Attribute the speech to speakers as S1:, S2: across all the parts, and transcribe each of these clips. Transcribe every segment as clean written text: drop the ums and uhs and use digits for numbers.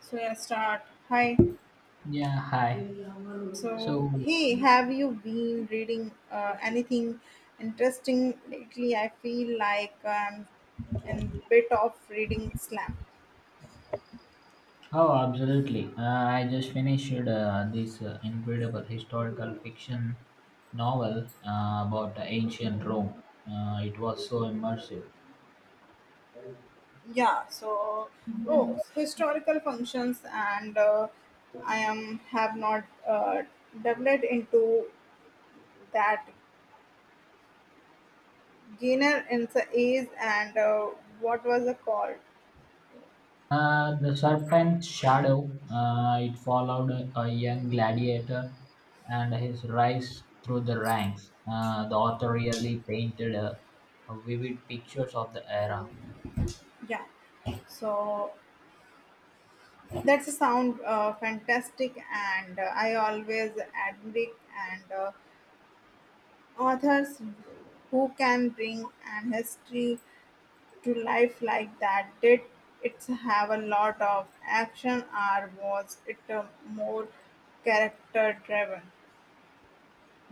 S1: So yeah, start. Hi.
S2: Yeah, hi. So,
S1: So hey, have you been reading anything interesting lately? I feel like I'm in bit of reading slam.
S2: oh, absolutely. I just finished this incredible historical fiction novel about the ancient Rome. It was so immersive.
S1: Yeah. Oh, historical functions and I am have not developed into that gainer in the is and what was the called?
S2: The serpent's shadow, it followed a young gladiator and his rise through the ranks. The author really painted a vivid pictures of the era.
S1: Yeah. So that's a sound fantastic, and I always admire and authors who can bring an history to life like that. Did it have a lot of action, or was it more character driven?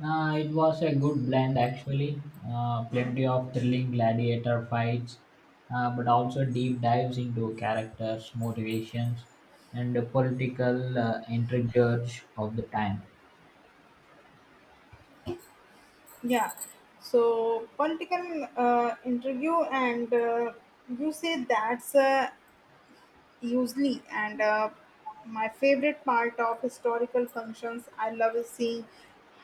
S2: It was a good blend actually. Plenty of thrilling gladiator fights, but also deep dives into characters, motivations, and the political intrigues of the time.
S1: Yeah. So political interview, and you say that's usually and my favorite part of historical functions I love is seeing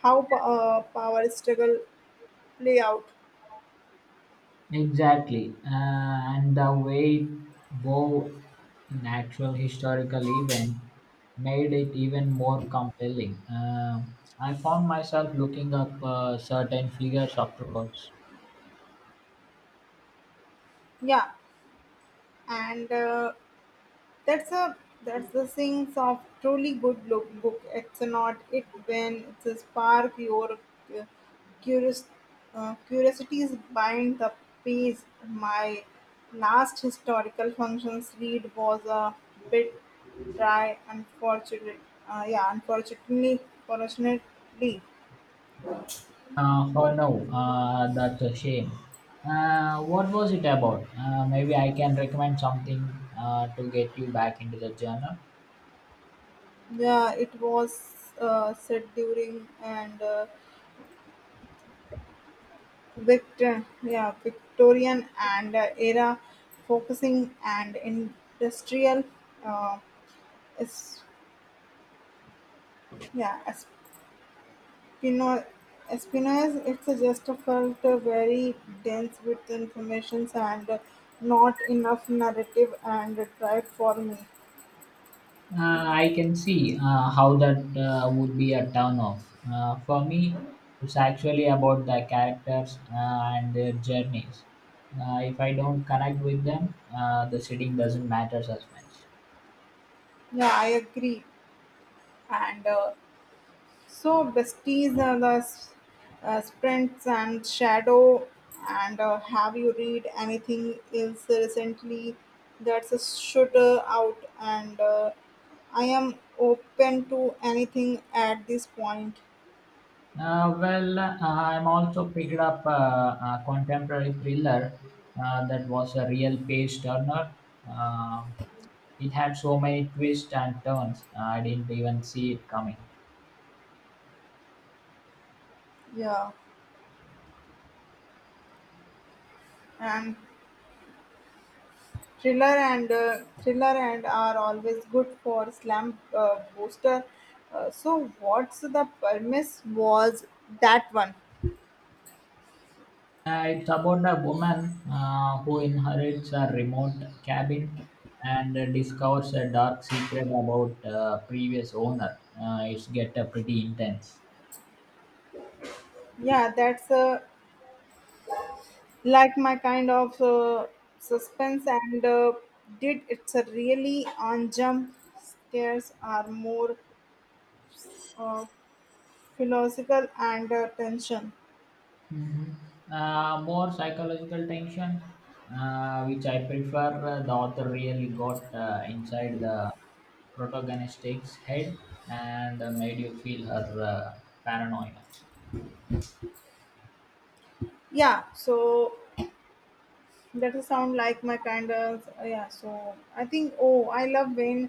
S1: how power struggle play out.
S2: Exactly, and the way it wove in actual historical event made it even more compelling. I found myself looking up certain figures afterwards.
S1: Yeah, and That's a that's the things of truly good look book. It's not it when it's spark your uh, curious curiosities bind the pace. My last historical functions read was a bit dry, unfortunately. Yeah, unfortunately, fortunately,
S2: Oh no, that's a shame. What was it about? Maybe I can recommend something to get you back into the journal.
S1: yeah, it was said during and. Yeah, Victorian and era focusing and industrial uh, is, yeah, Espino, Espinosa. It's a just a felt very dense with informations and not enough narrative and tried for me.
S2: I can see how that would be a turn off. For me, it's actually about the characters and their journeys. If I don't connect with them, the sitting doesn't matter as much.
S1: Yeah, I agree, and so besties, sprints and shadow, and have you read anything else recently that's a shooter out? And I am open to anything at this point.
S2: Well, I'm also picked up a contemporary thriller that was a real page turner. Um it had so many twists and turns, I didn't even see it coming.
S1: Yeah, and thriller and are always good for slam booster. So what's the premise was that one?
S2: It's about a woman who inherits a remote cabin and discovers a dark secret about previous owner. It's get pretty intense.
S1: Yeah, that's a like my kind of suspense and did it's a really on jump scares are more uh, philosophical and tension.
S2: Mm-hmm. More psychological tension, which I prefer. The author really got inside the protagonist's head and made you feel her paranoia.
S1: Yeah, so that is sound like my kind of, yeah, so I think, oh, I love when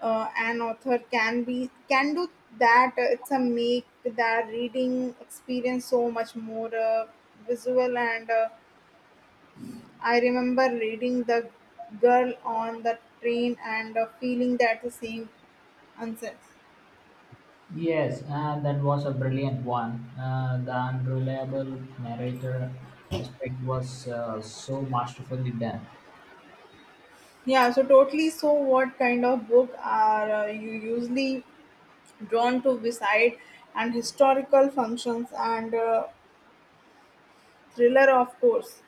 S1: an author can do that, it's a make that reading experience so much more visual, and I remember reading The Girl on the Train and feeling that the same nonsense.
S2: Yes, that was a brilliant one. The unreliable narrator aspect was so masterfully done.
S1: Yeah, so totally. So, what kind of book are you usually drawn to beside and historical functions and thriller, of course?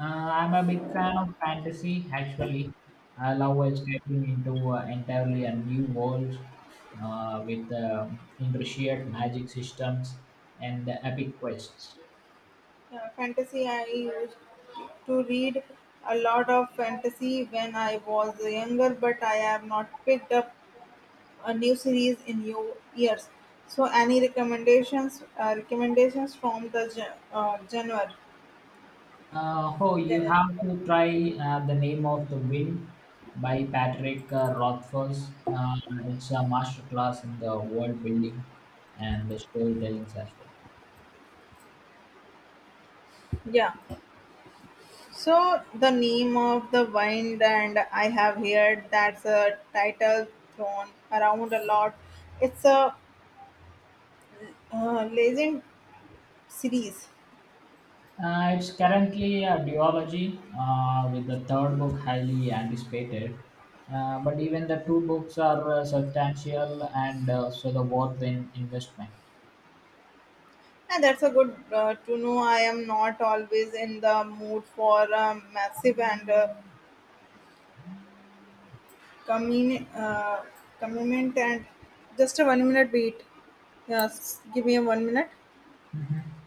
S2: I'm a big fan of fantasy, actually. I love escaping into entirely a new world with intricate magic systems and epic quests.
S1: Yeah, fantasy. I used to read a lot of fantasy when I was younger, but I have not picked up a new series in new years. So any recommendations from the genre?
S2: Oh, you
S1: Genre?
S2: have to try The Name of the Wind by Patrick Rothfuss. It's a masterclass in the world building and the storytelling as well.
S1: Yeah. So the name of the wine and I have heard that's a title thrown around a lot. It's a legend series.
S2: It's currently a duology, with the third book highly anticipated. But even the two books are substantial and so the worth in investment.
S1: And that's a good to know. I am not always in the mood for a massive and commun- uh, commitment and just a 1 minute wait. Yes, give me a 1 minute.
S2: Mhm.